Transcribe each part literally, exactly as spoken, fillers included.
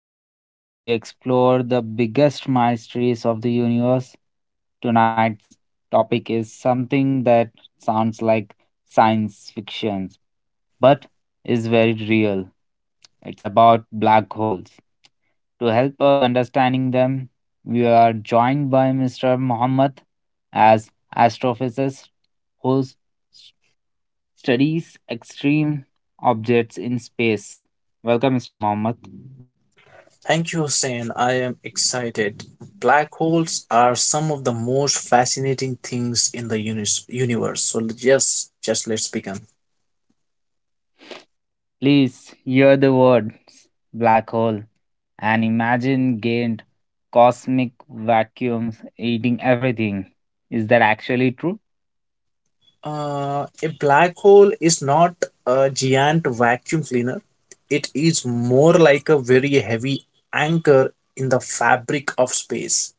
There, we explore the biggest mysteries of the universe. Tonight's topic is something that sounds like science fiction, but is very real. It's about black holes. To help us understanding them, we are joined by mister Muhammad as astrophysicist whose studies extreme objects in space. Welcome, mister Mohammed. Thank you, Hussein. I am excited. Black holes are some of the most fascinating things in the unis- universe. So, yes, just let's begin. Please hear the words black hole and imagine gained cosmic vacuums eating everything. Is that actually true? Uh, a black hole is not a giant vacuum cleaner, it is more like a very heavy anchor in the fabric of space.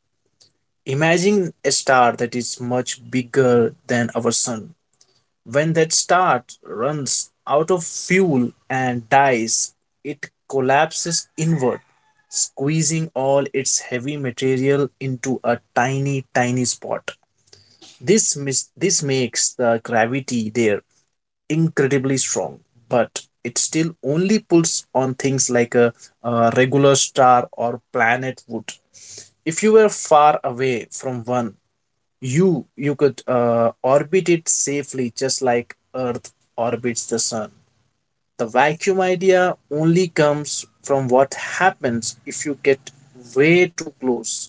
Imagine a star that is much bigger than our sun. When that start runs out of fuel and dies, it collapses inward, squeezing all its heavy material into a tiny, tiny spot. This, mis- this makes the gravity there incredibly strong, but it still only pulls on things like a, a regular star or planet would. If you were far away from one, you you could uh, orbit it safely just like earth orbits the sun. The vacuum idea only comes from what happens if you get way too close.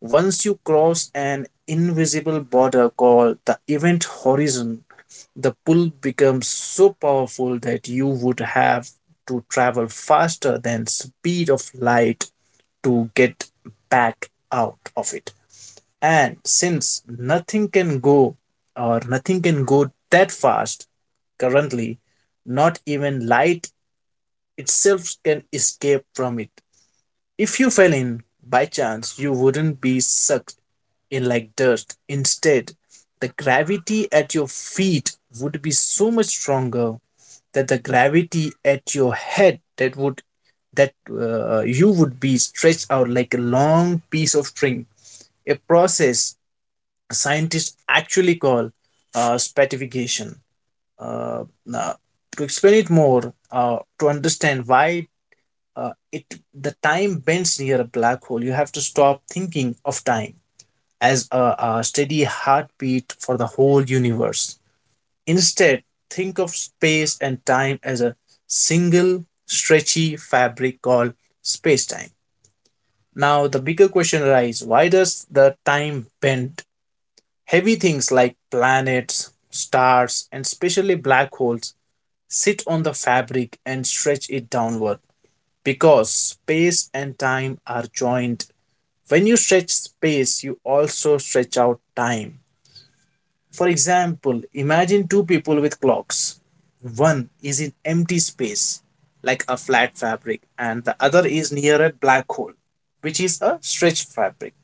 Once you cross an invisible border called the event horizon, the pull becomes so powerful that you would have to travel faster than speed of light to get back out of it, and since nothing can go or nothing can go that fast currently, not even light itself can escape from it. If you fell in by chance, you wouldn't be sucked in like dust. Instead, the gravity at your feet would be so much stronger that the gravity at your head, that would that uh, you would be stretched out like a long piece of string, a process scientists actually call uh, stratification. Uh, now, to explain it more, uh, to understand why uh, it the time bends near a black hole, you have to stop thinking of time as a, a steady heartbeat for the whole universe. Instead, think of space and time as a single stretchy fabric called space-time. Now, the bigger question arises: Why does the time bend? Heavy things like planets, stars, and especially black holes sit on the fabric and stretch it downward because space and time are joined. When you stretch space, you also stretch out time. For example, imagine two people with clocks. One is in empty space, like a flat fabric, and the other is near a black hole, which is a stretched fabric.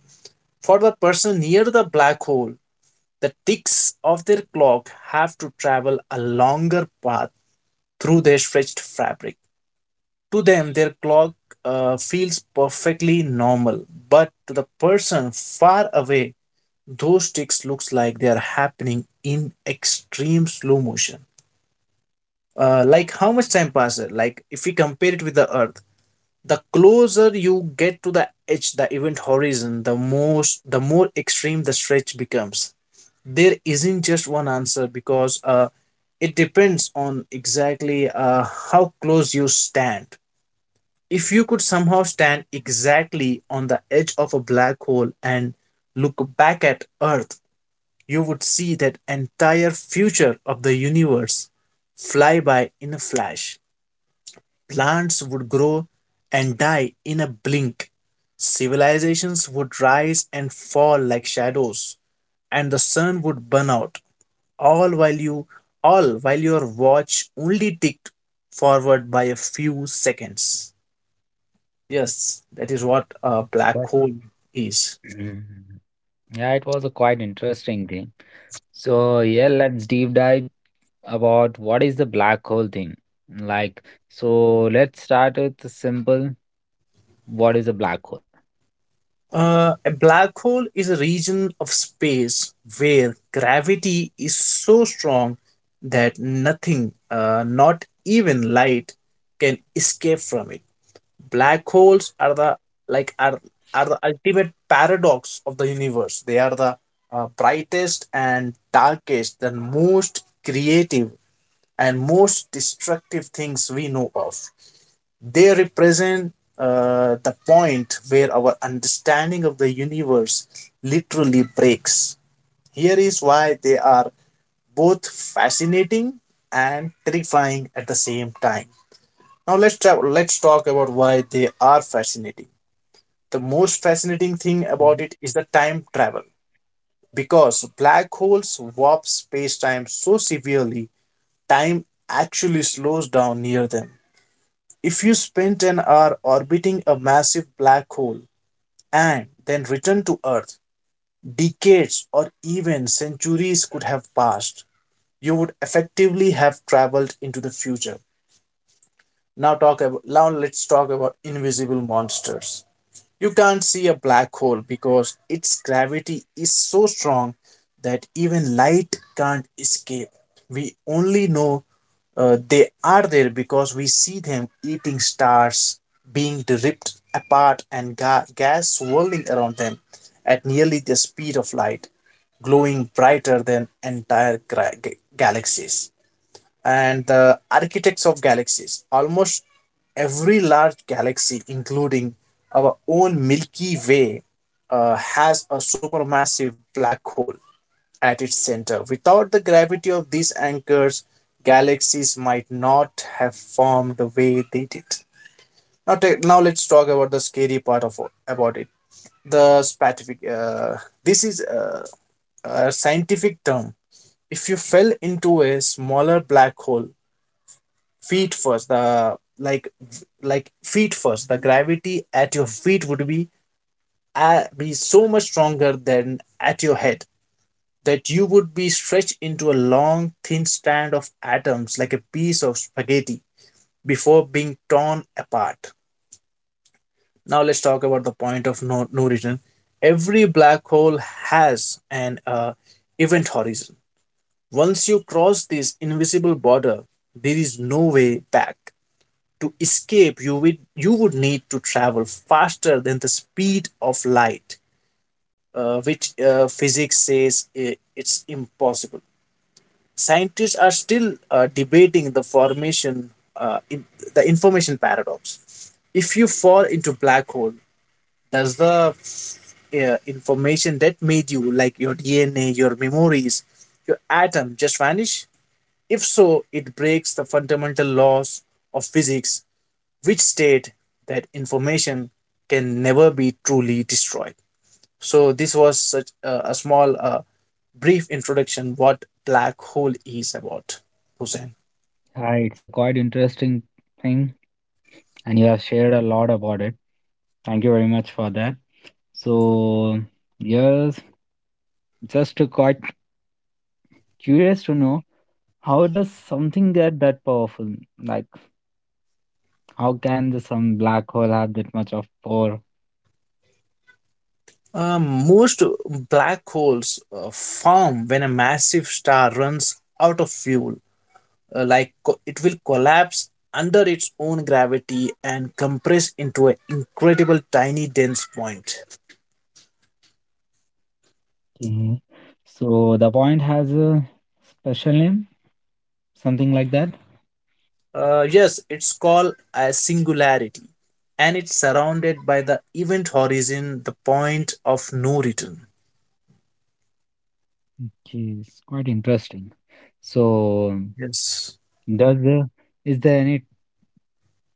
For the person near the black hole, the ticks of their clock have to travel a longer path through their stretched fabric. To them, their clock uh, feels perfectly normal, but to the person far away, those ticks looks like they are happening in extreme slow motion. Uh, like how much time passes? Like if we compare it with the Earth, the closer you get to the edge, the event horizon, the most, the more extreme the stretch becomes. There isn't just one answer because uh, it depends on exactly uh, how close you stand. If you could somehow stand exactly on the edge of a black hole and look back at Earth, you would see that entire future of the universe fly by in a flash. Plants would grow and die in a blink. Civilizations would rise and fall like shadows, and the sun would burn out all while you all while your watch only ticked forward by a few seconds. Yes, that is what a black But hole is. Mm, yeah, it was a quite interesting game. So yeah, let's deep dive about what is the black hole thing. Like, so let's start with the simple. What is a black hole? Uh, a black hole is a region of space where gravity is so strong that nothing, uh, not even light, can escape from it. black holes are the like are are the ultimate paradox of the universe. They are the uh, brightest and darkest, the most creative and most destructive things we know of. They represent uh, the point where our understanding of the universe literally breaks. Here is why they are both fascinating and terrifying at the same time. Now let's tra- let's talk about why they are fascinating. The most fascinating thing about it is the time travel. Because black holes warp space-time so severely, time actually slows down near them. If you spent an hour orbiting a massive black hole and then return to Earth, decades or even centuries could have passed. You would effectively have traveled into the future. Now talk about now let's talk about invisible monsters. You can't see a black hole because its gravity is so strong that even light can't escape. We only know uh, they are there because we see them eating stars, being ripped apart, and ga- gas swirling around them at nearly the speed of light, glowing brighter than entire gra- ga- galaxies, and the architects of galaxies. Almost every large galaxy, including our own Milky Way, uh, has a supermassive black hole at its center. Without the gravity of these anchors, galaxies might not have formed the way they did. Now, take now let's talk about the scary part of about it. The scientific. Uh, this is a, a scientific term. If you fell into a smaller black hole, feet first the like like feet first, the gravity at your feet would be uh, be so much stronger than at your head that you would be stretched into a long thin strand of atoms like a piece of spaghetti before being torn apart. Now let's talk about the point of no, no return. Every black hole has an uh, event horizon. Once you cross this invisible border, there is no way back. To escape, you would, you would need to travel faster than the speed of light, uh, which uh, physics says i- it's impossible. Scientists are still uh, debating the formation, uh, in, the information paradox. If you fall into black hole, does the uh, information that made you, like your D N A, your memories, your atom, just vanish? If so, it breaks the fundamental laws of physics, which state that information can never be truly destroyed. So this was such a, a small uh, brief introduction what black hole is about, hussein. Hi, it's a quite interesting thing, and you have shared a lot about it. Thank you very much for that. So, yes, just to quite curious to know how does something get that powerful? Like, how can the some black hole have that much of power? Uh, most black holes uh, form when a massive star runs out of fuel, uh, like co- it will collapse under its own gravity and compress into an incredible tiny dense point. Okay. So the point has a special name, something like that. Uh, yes, it's called a singularity, and it's surrounded by the event horizon, the point of no return. Okay, it's quite interesting. So Yes. Does the is there any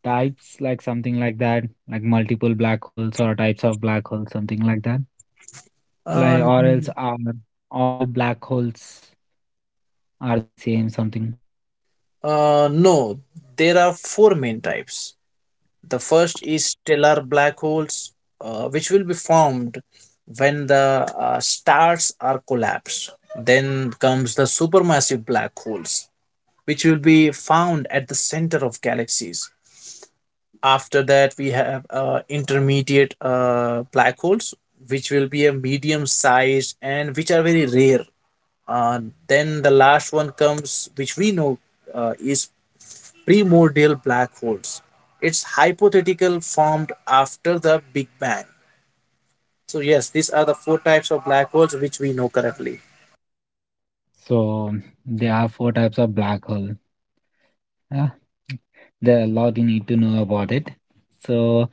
types like something like that, like multiple black holes or types of black holes, something like that? Uh, Like or else n- are all black holes are the same something? uh, no, there are four main types. The first is stellar black holes, uh, which will be formed when the uh, stars are collapsed. Then comes the supermassive black holes, which will be found at the center of galaxies. After that, we have uh, intermediate uh, black holes, which will be a medium sized and which are very rare. Uh, then the last one comes, which we know uh, is primordial black holes. It's hypothetical formed after the Big Bang. So, yes, these are the four types of black holes which we know currently. So there are four types of black hole. Yeah, there are a lot you need to know about it. So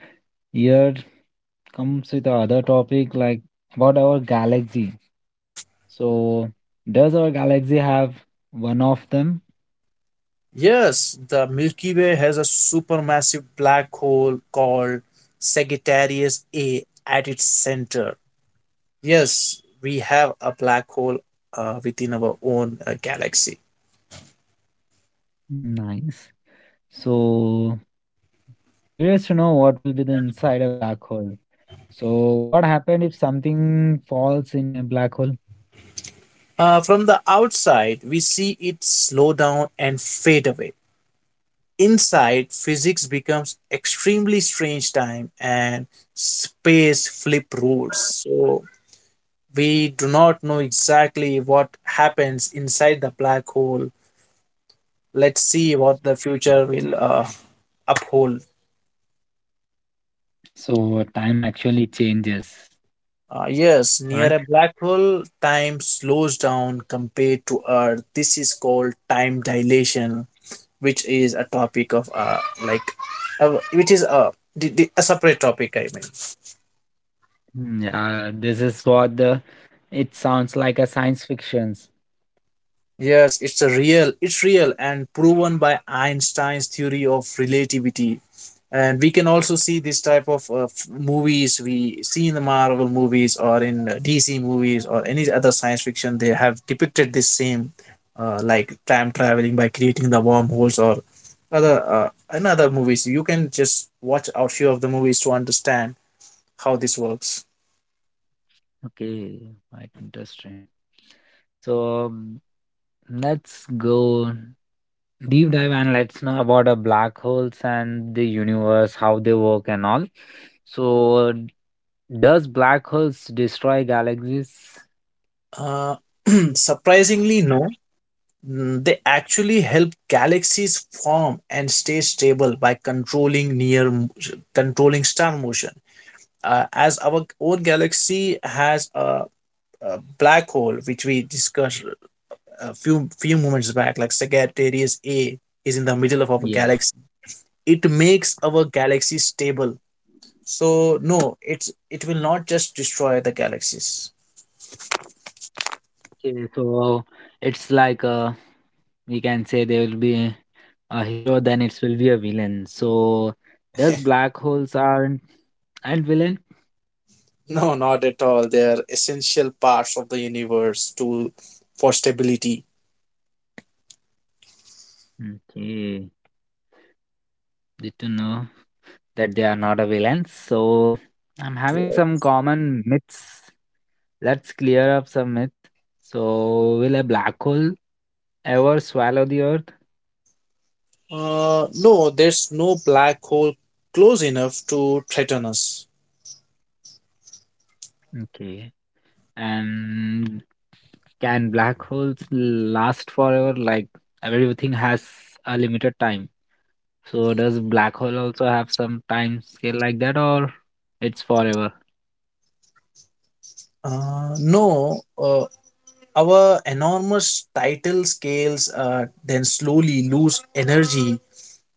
here comes with the other topic like about our galaxy. So does our galaxy have one of them? Yes, the Milky Way has a supermassive black hole called Sagittarius A at its center. Yes, we have a black hole uh, within our own uh, galaxy. Nice. So curious to know what will be the inside a black hole. So, what happened if something falls in a black hole? Uh, from the outside, we see it slow down and fade away. Inside, physics becomes extremely strange, time and space flip rules. So we do not know exactly what happens inside the black hole. Let's see what the future will uh, uphold. So, time actually changes, Uh, yes, near a right? black hole, time slows down compared to Earth. This is called time dilation, which is a topic of uh, like, uh, which is a, the, the, a separate topic. I mean. Mm, yeah, this is what the it sounds like a science fictions. Yes, it's a real, it's real and proven by Einstein's theory of relativity. And we can also see this type of uh, f- movies we see in the Marvel movies or in uh, D C movies or any other science fiction. They have depicted this same, uh, like time traveling by creating the wormholes or other uh, in other movies. You can just watch a few of the movies to understand how this works. Okay, quite interesting. So um, let's go deep dive and let's know about uh, black holes and the universe, how they work and all. So, does black holes destroy galaxies? Uh, surprisingly, no. Mm, they actually help galaxies form and stay stable by controlling near controlling star motion. Uh, as our own galaxy has a, a black hole, which we discussed a few few moments back, like Sagittarius A is in the middle of our Yes. galaxy. It makes our galaxy stable. So no, it's it will not just destroy the galaxies. Okay, so it's like uh, we can say there will be a hero, then it will be a villain. So does black holes aren't and villain? No, not at all. They are essential parts of the universe to for stability. Okay, good to know that they are not a villain. So I'm having some common myths. Let's clear up some myths. So will a black hole ever swallow the earth? Uh, no, there's no black hole close enough to threaten us. Okay. And Can black holes last forever? Like everything has a limited time. So does black hole also have some time scale like that or it's forever? Uh, no, uh, our enormous tidal scales uh, then slowly lose energy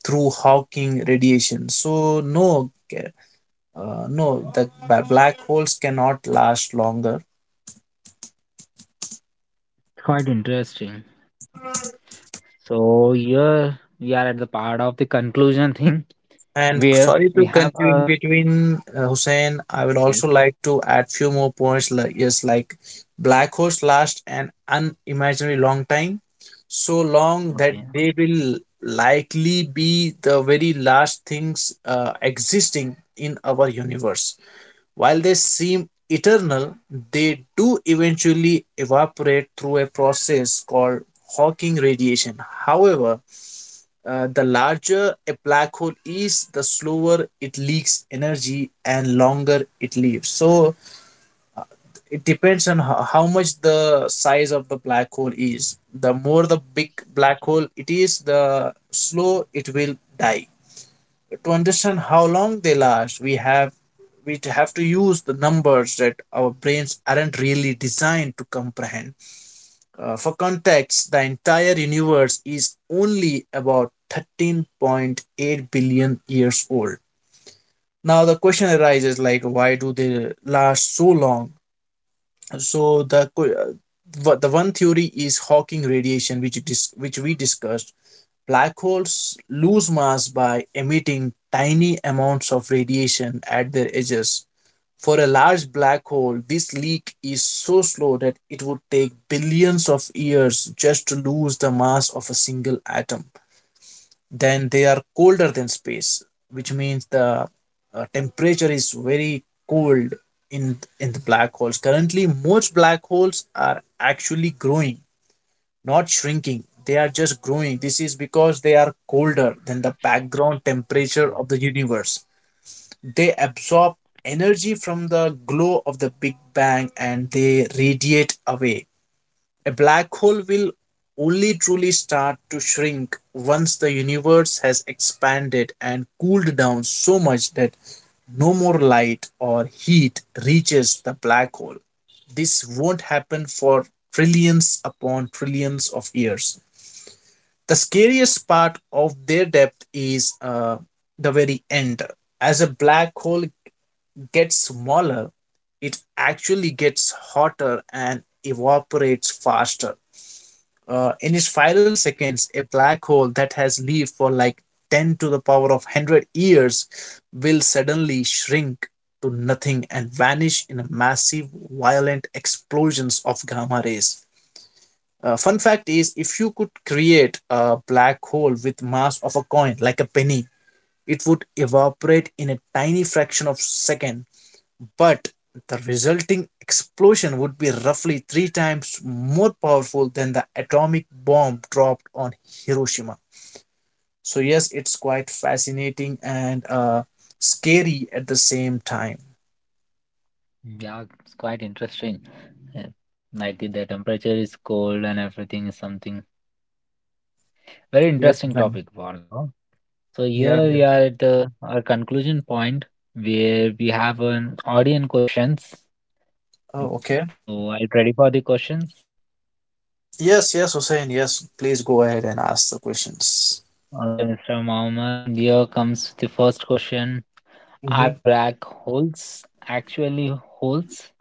through Hawking radiation. So no, uh, no, the ba- black holes cannot last longer. Quite interesting. So here we are at the part of the conclusion thing And where sorry we to have continue a in between, uh, Hussein. I would yes, also like to add few more points. Like, yes, like black holes last an unimaginably long time, so long that okay. they will likely be the very last things uh, existing in our universe. While they seem eternal, they do eventually evaporate through a process called Hawking radiation. However, uh, the larger a black hole is, the slower it leaks energy and longer it lives. So it depends on ho- how much the size of the black hole is. The more the big black hole it is, the slow it will die. To understand how long they last, we have we have to use the numbers that our brains aren't really designed to comprehend. Uh, for context, the entire universe is only about thirteen point eight billion years old. Now, the question arises like, why do they last so long? So, the, que- uh, the one theory is Hawking radiation, which, dis- which we discussed. Black holes lose mass by emitting tiny amounts of radiation at their edges. For a large black hole, this leak is so slow that it would take billions of years just to lose the mass of a single atom. Then they are colder than space, which means the uh, temperature is very cold in in the black holes. Currently, most black holes are actually growing, not shrinking. They are just growing. This is because they are colder than the background temperature Okay. of the universe, they absorb energy from the glow of the Big Bang and they radiate away. A black hole will only truly start to shrink once the universe has expanded and cooled down so much that no more light or heat reaches the black hole. This won't happen for trillions upon trillions of years. The scariest part of their depth is uh, the very end. As a black hole gets smaller, it actually gets hotter and evaporates faster. Uh, in its final seconds, a black hole that has lived for like ten to the power of one hundred years will suddenly shrink to nothing and vanish in a massive, violent explosions of gamma rays. Uh, fun fact is, if you could create a black hole with mass of a coin, like a penny, it would evaporate in a tiny fraction of second but the resulting explosion would be roughly three times more powerful than the atomic bomb dropped on Hiroshima. So, yes, it's quite fascinating and uh, scary at the same time. Yeah, it's quite interesting. Yeah. Like the, the temperature is cold and everything is something very Yes, interesting Hussain. topic, Varlo. So Yeah, here yeah. we are at uh, our conclusion point where we have an audience questions. Oh, okay. So are you ready for the questions? Yes, yes, Hussein. Yes, please go ahead and ask the questions. Okay, mister Mohammed, here comes the first question. Are Mhm. black holes actually holes?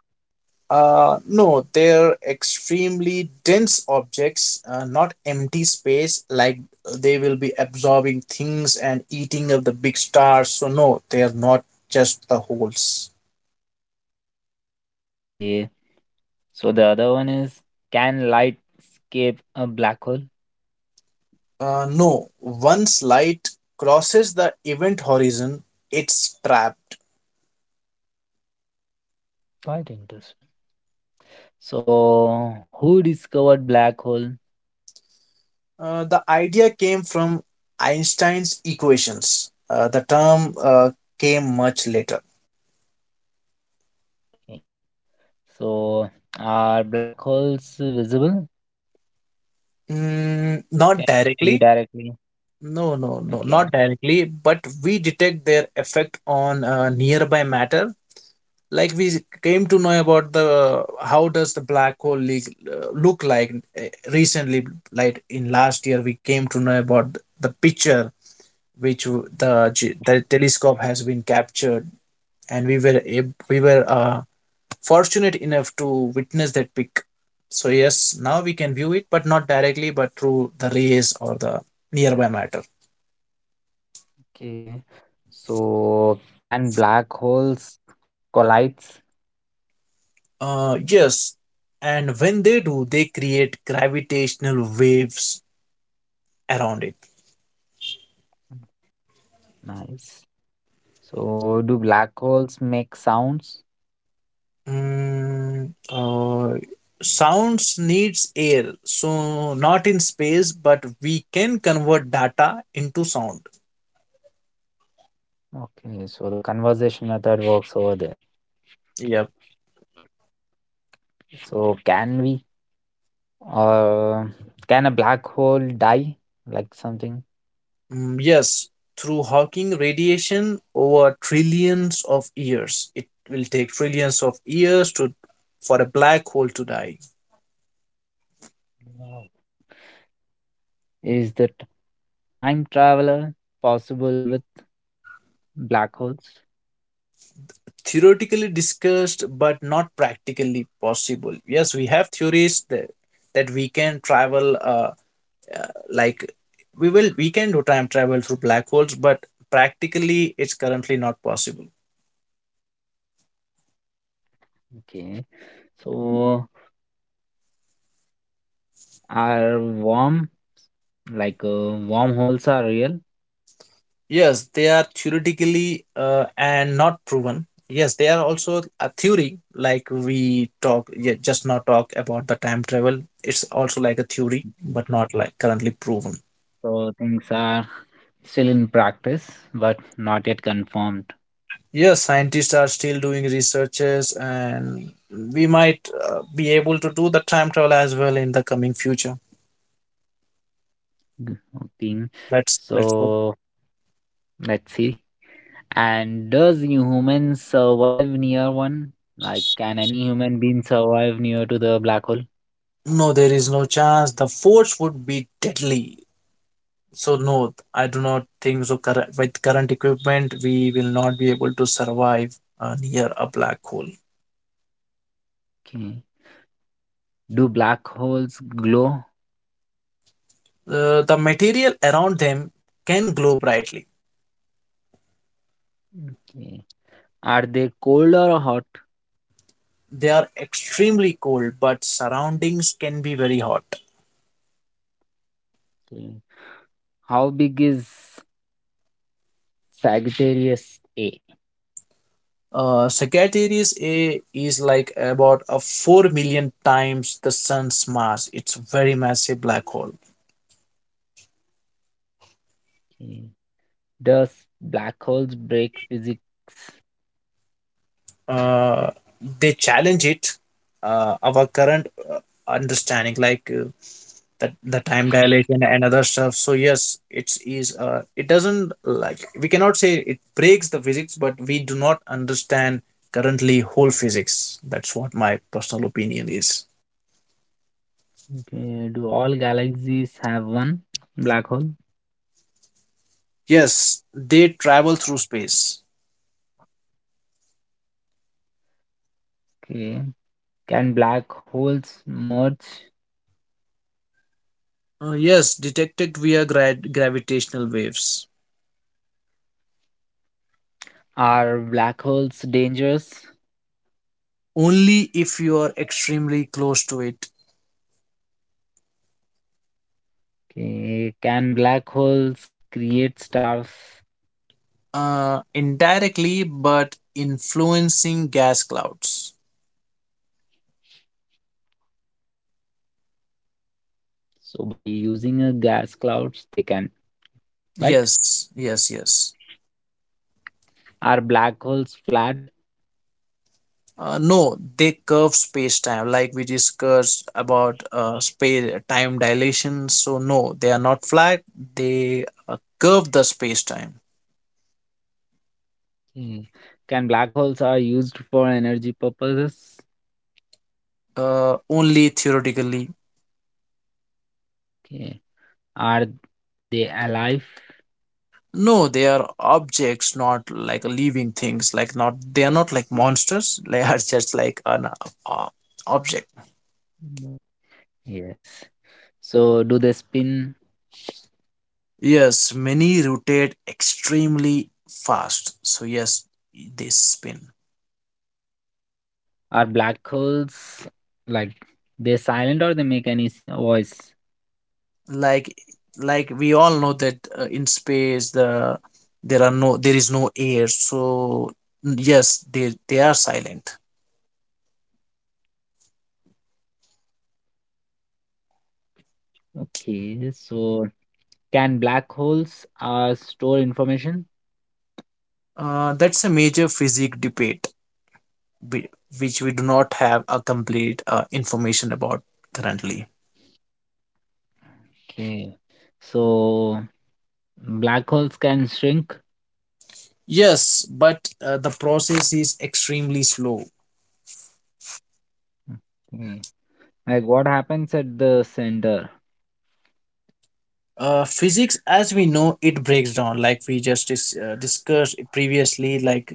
Uh, no, they're extremely dense objects, uh, not empty space like they will be absorbing things and eating up the big stars. So, no, they are not just the holes. Okay. So the other one is can light escape a black hole? Uh, no, once light crosses the event horizon, it's trapped. Quite interesting. So who discovered black hole? Uh, the idea came from Einstein's equations. Uh, the term uh, came much later. Okay. So are black holes visible? Mm, Can not you see directly. directly? No, no, no, not Okay. directly, but we detect their effect on uh, nearby matter. Like we came to know about the how does the black hole leak, uh, look like uh, recently, like in last year, we came to know about the picture which w- the, ge- the telescope has been captured, and we were ab- we were uh, fortunate enough to witness that pic. So yes, now we can view it, but not directly, but through the rays or the nearby matter. Okay. So can black holes collides? Uh, yes, and when they do, they create gravitational waves around it. Nice. So do black holes make sounds? Mm, uh, Sounds needs air, so not in space, but we can convert data into sound. Okay, so the conversation method works over there. Yep. So can we uh can a black hole die? Like something? Mm, yes, through Hawking radiation over trillions of years. It will take trillions of years to for a black hole to die. Wow. Is the t- time traveler possible with black holes? Theoretically discussed but not practically possible. Yes, we have theories that, that we can travel uh, uh, like we will we can do time travel through black holes, but practically it's currently not possible. Okay. So are warm like uh, wormholes are real? Yes, they are theoretically, uh, and not proven. Yes, they are also a theory, like we talk, yeah, just now talk about the time travel, it's also like a theory Okay. but not like currently proven. So things are still in practice, but not yet confirmed Yes, scientists are still doing researches, and we might uh, be able to do the time travel as well in the coming future. g- thing. Let's let's go. So let's see. And does humans survive near one? Like, can any human being survive near to the black hole? No, there is no chance. The force would be deadly. So no, I do not think so. Current with current equipment, we will not be able to survive uh, near a black hole. Okay. Do black holes glow? Uh, the material around them can glow brightly. Okay. Are they cold or hot? They are extremely cold, but surroundings can be very hot. Okay. How big is Sagittarius A? Uh, Sagittarius A is like about a four million times the sun's mass. It's a very massive black hole. Okay. Does black holes break physics? Uh, they challenge it, uh, our current uh, understanding, like uh, the, the time dilation and other stuff. So, yes, it's is uh, it doesn't like we cannot say it breaks the physics, but we do not understand currently whole physics. That's what my personal opinion is. Okay, do all galaxies have one black hole? Yes, they travel through space. Okay. Can black holes merge? Uh, yes, detected via gra- gravitational waves. Are black holes dangerous? Only if you are extremely close to it. Okay. Can black holes create stars? Uh, indirectly, but influencing gas clouds. So by using a gas clouds, they can, right? Yes, yes, yes. Are black holes flat? Uh, no, they curve space time, like we discussed about uh, space time dilation. So, no, they are not flat, they uh, curve the space time. Hmm. Can black holes are used for energy purposes? Uh, only theoretically. Okay. Are they alive? No, they are objects, not like living things. Like not, they are not like monsters. They are just like an uh, uh, object. Yes. So do they spin? Yes, many rotate extremely fast. So yes, they spin. Are black holes like they're silent or they make any s- voice? Like, like we all know that uh, in space the there are no there is no air. So yes, they they are silent. Okay, so can black holes uh, store information? Uh, that's a major physics debate, whi- which we do not have a complete uh, information about currently. Okay, so black holes can shrink. Yes, but uh, the process is extremely slow. Okay. Like what happens at the center? Uh, physics, as we know, it breaks down, like we just dis- uh, discussed previously. Like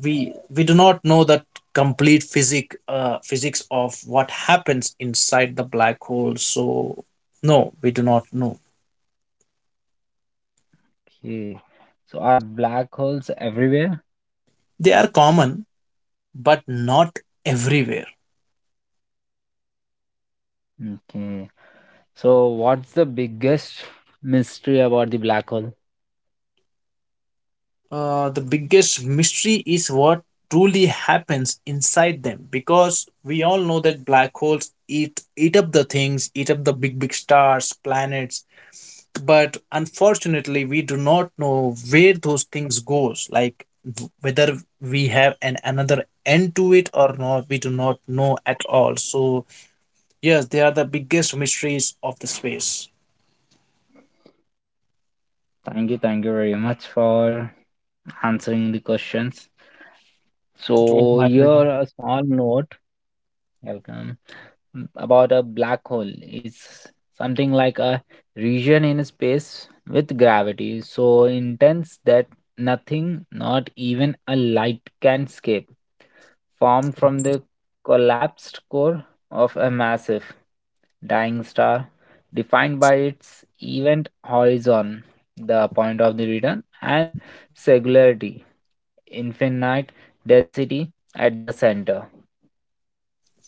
we we do not know that complete physic uh, physics of what happens inside the black hole. So no, we do not know. Okay. So are black holes everywhere? They are common, but not everywhere. Okay. So what's the biggest mystery about the black hole? Uh, the biggest mystery is what truly happens inside them, because we all know that black holes eat eat up the things, eat up the big big stars, planets, but unfortunately we do not know where those things goes, like w- whether we have an another end to it or not, we do not know at all. So yes, they are the biggest mysteries of the space. Thank you, thank you very much for answering the questions. It was So my here pleasure. a small note welcome mm, about a black hole is something like a region in space with gravity so intense that nothing not even a light can escape, formed from the collapsed core of a massive dying star, defined by its event horizon, the point of the return, and singularity, infinite density at the center.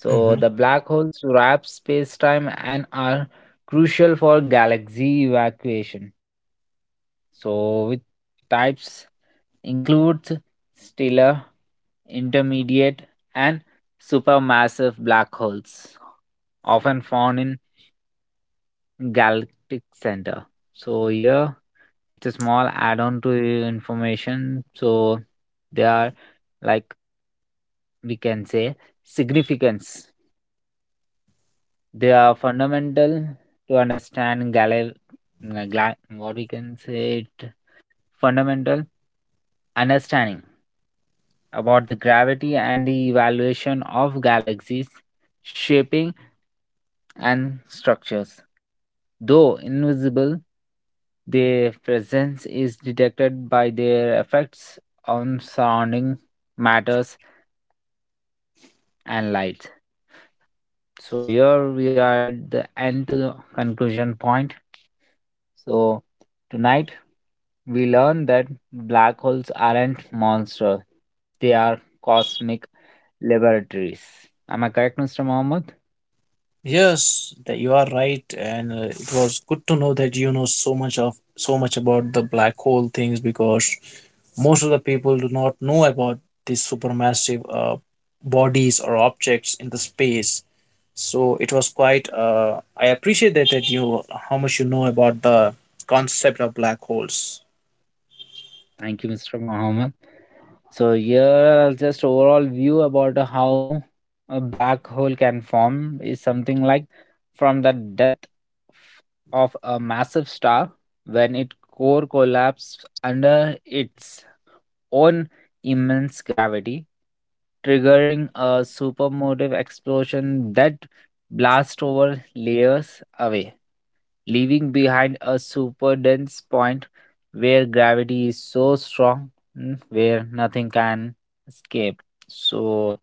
Mhm. the black holes wrap space-time and are crucial for galaxy evacuation. So with types includes stellar, intermediate, and supermassive black holes, often found in galactic center. So here it's a small add-on to the information. So they are, like we can say, significance. They are fundamental to understand gal, gla- what we can say it fundamental understanding about the gravity and the evaluation of galaxies, shaping and structures. Though invisible, their presence is detected by their effects on surrounding matters and light. So here we are at the end to the conclusion point. So tonight we learned that black holes aren't monsters. They are cosmic laboratories. Am I correct, mister Mohammed? Yes, that you are right, and uh, it was good to know that you know so much of so much about the black hole things, because most of the people do not know about these supermassive uh, bodies or objects in the space. So it was quite. Uh, I appreciate that that you how much you know about the concept of black holes. Thank you, mister Mohammed. So here are just overall view about how a black hole can form is something like from the death of a massive star when its core collapses under its on immense gravity, triggering a supermotive explosion that blasts over layers away, leaving behind a super dense point where gravity is so strong, mm, where nothing can escape. So,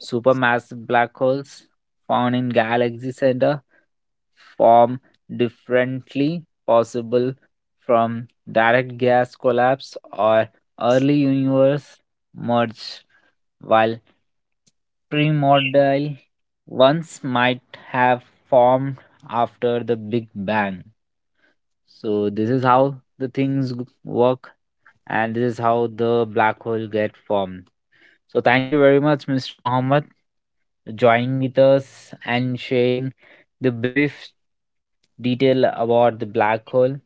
supermassive black holes found in galaxy center form differently, possible from direct gas collapse or early universe merge, while primordial ones might have formed after the Big Bang. So this is how the things g- work, and this is how the black hole get formed. So thank you very much, Mr. Muhammad, joining with us and sharing the brief detail about the black hole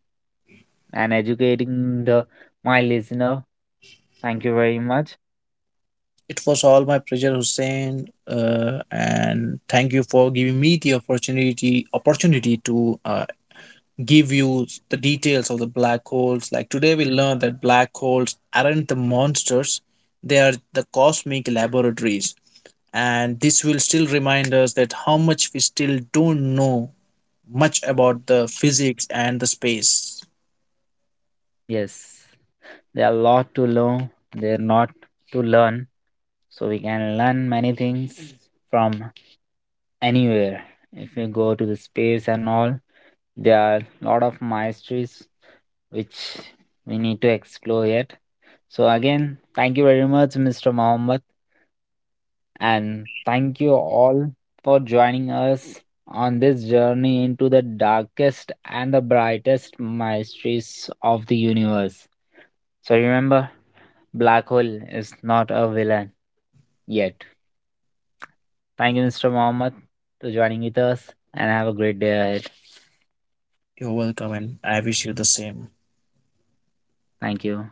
and educating the my listener. Thank you very much. It was all my pleasure, Hussein, uh, and thank you for giving me the opportunity opportunity to uh, give you the details of the black holes. Like today, we learned that black holes aren't the monsters, they are the cosmic laboratories. And this will still remind us that how much we still don't know much about the physics and the space. Yes, there are a lot to learn. There are not to learn, so we can learn many things from anywhere. If you go to the space and all, there are a lot of mysteries which we need to explore yet. So again, thank you very much, mister Mohammed. And thank you all for joining us on this journey into the darkest and the brightest mysteries of the universe. So remember, black hole is not a villain yet. Thank you, mister Mohammed, for joining with us and have a great day ahead. You're welcome, and I wish you the same. Thank you.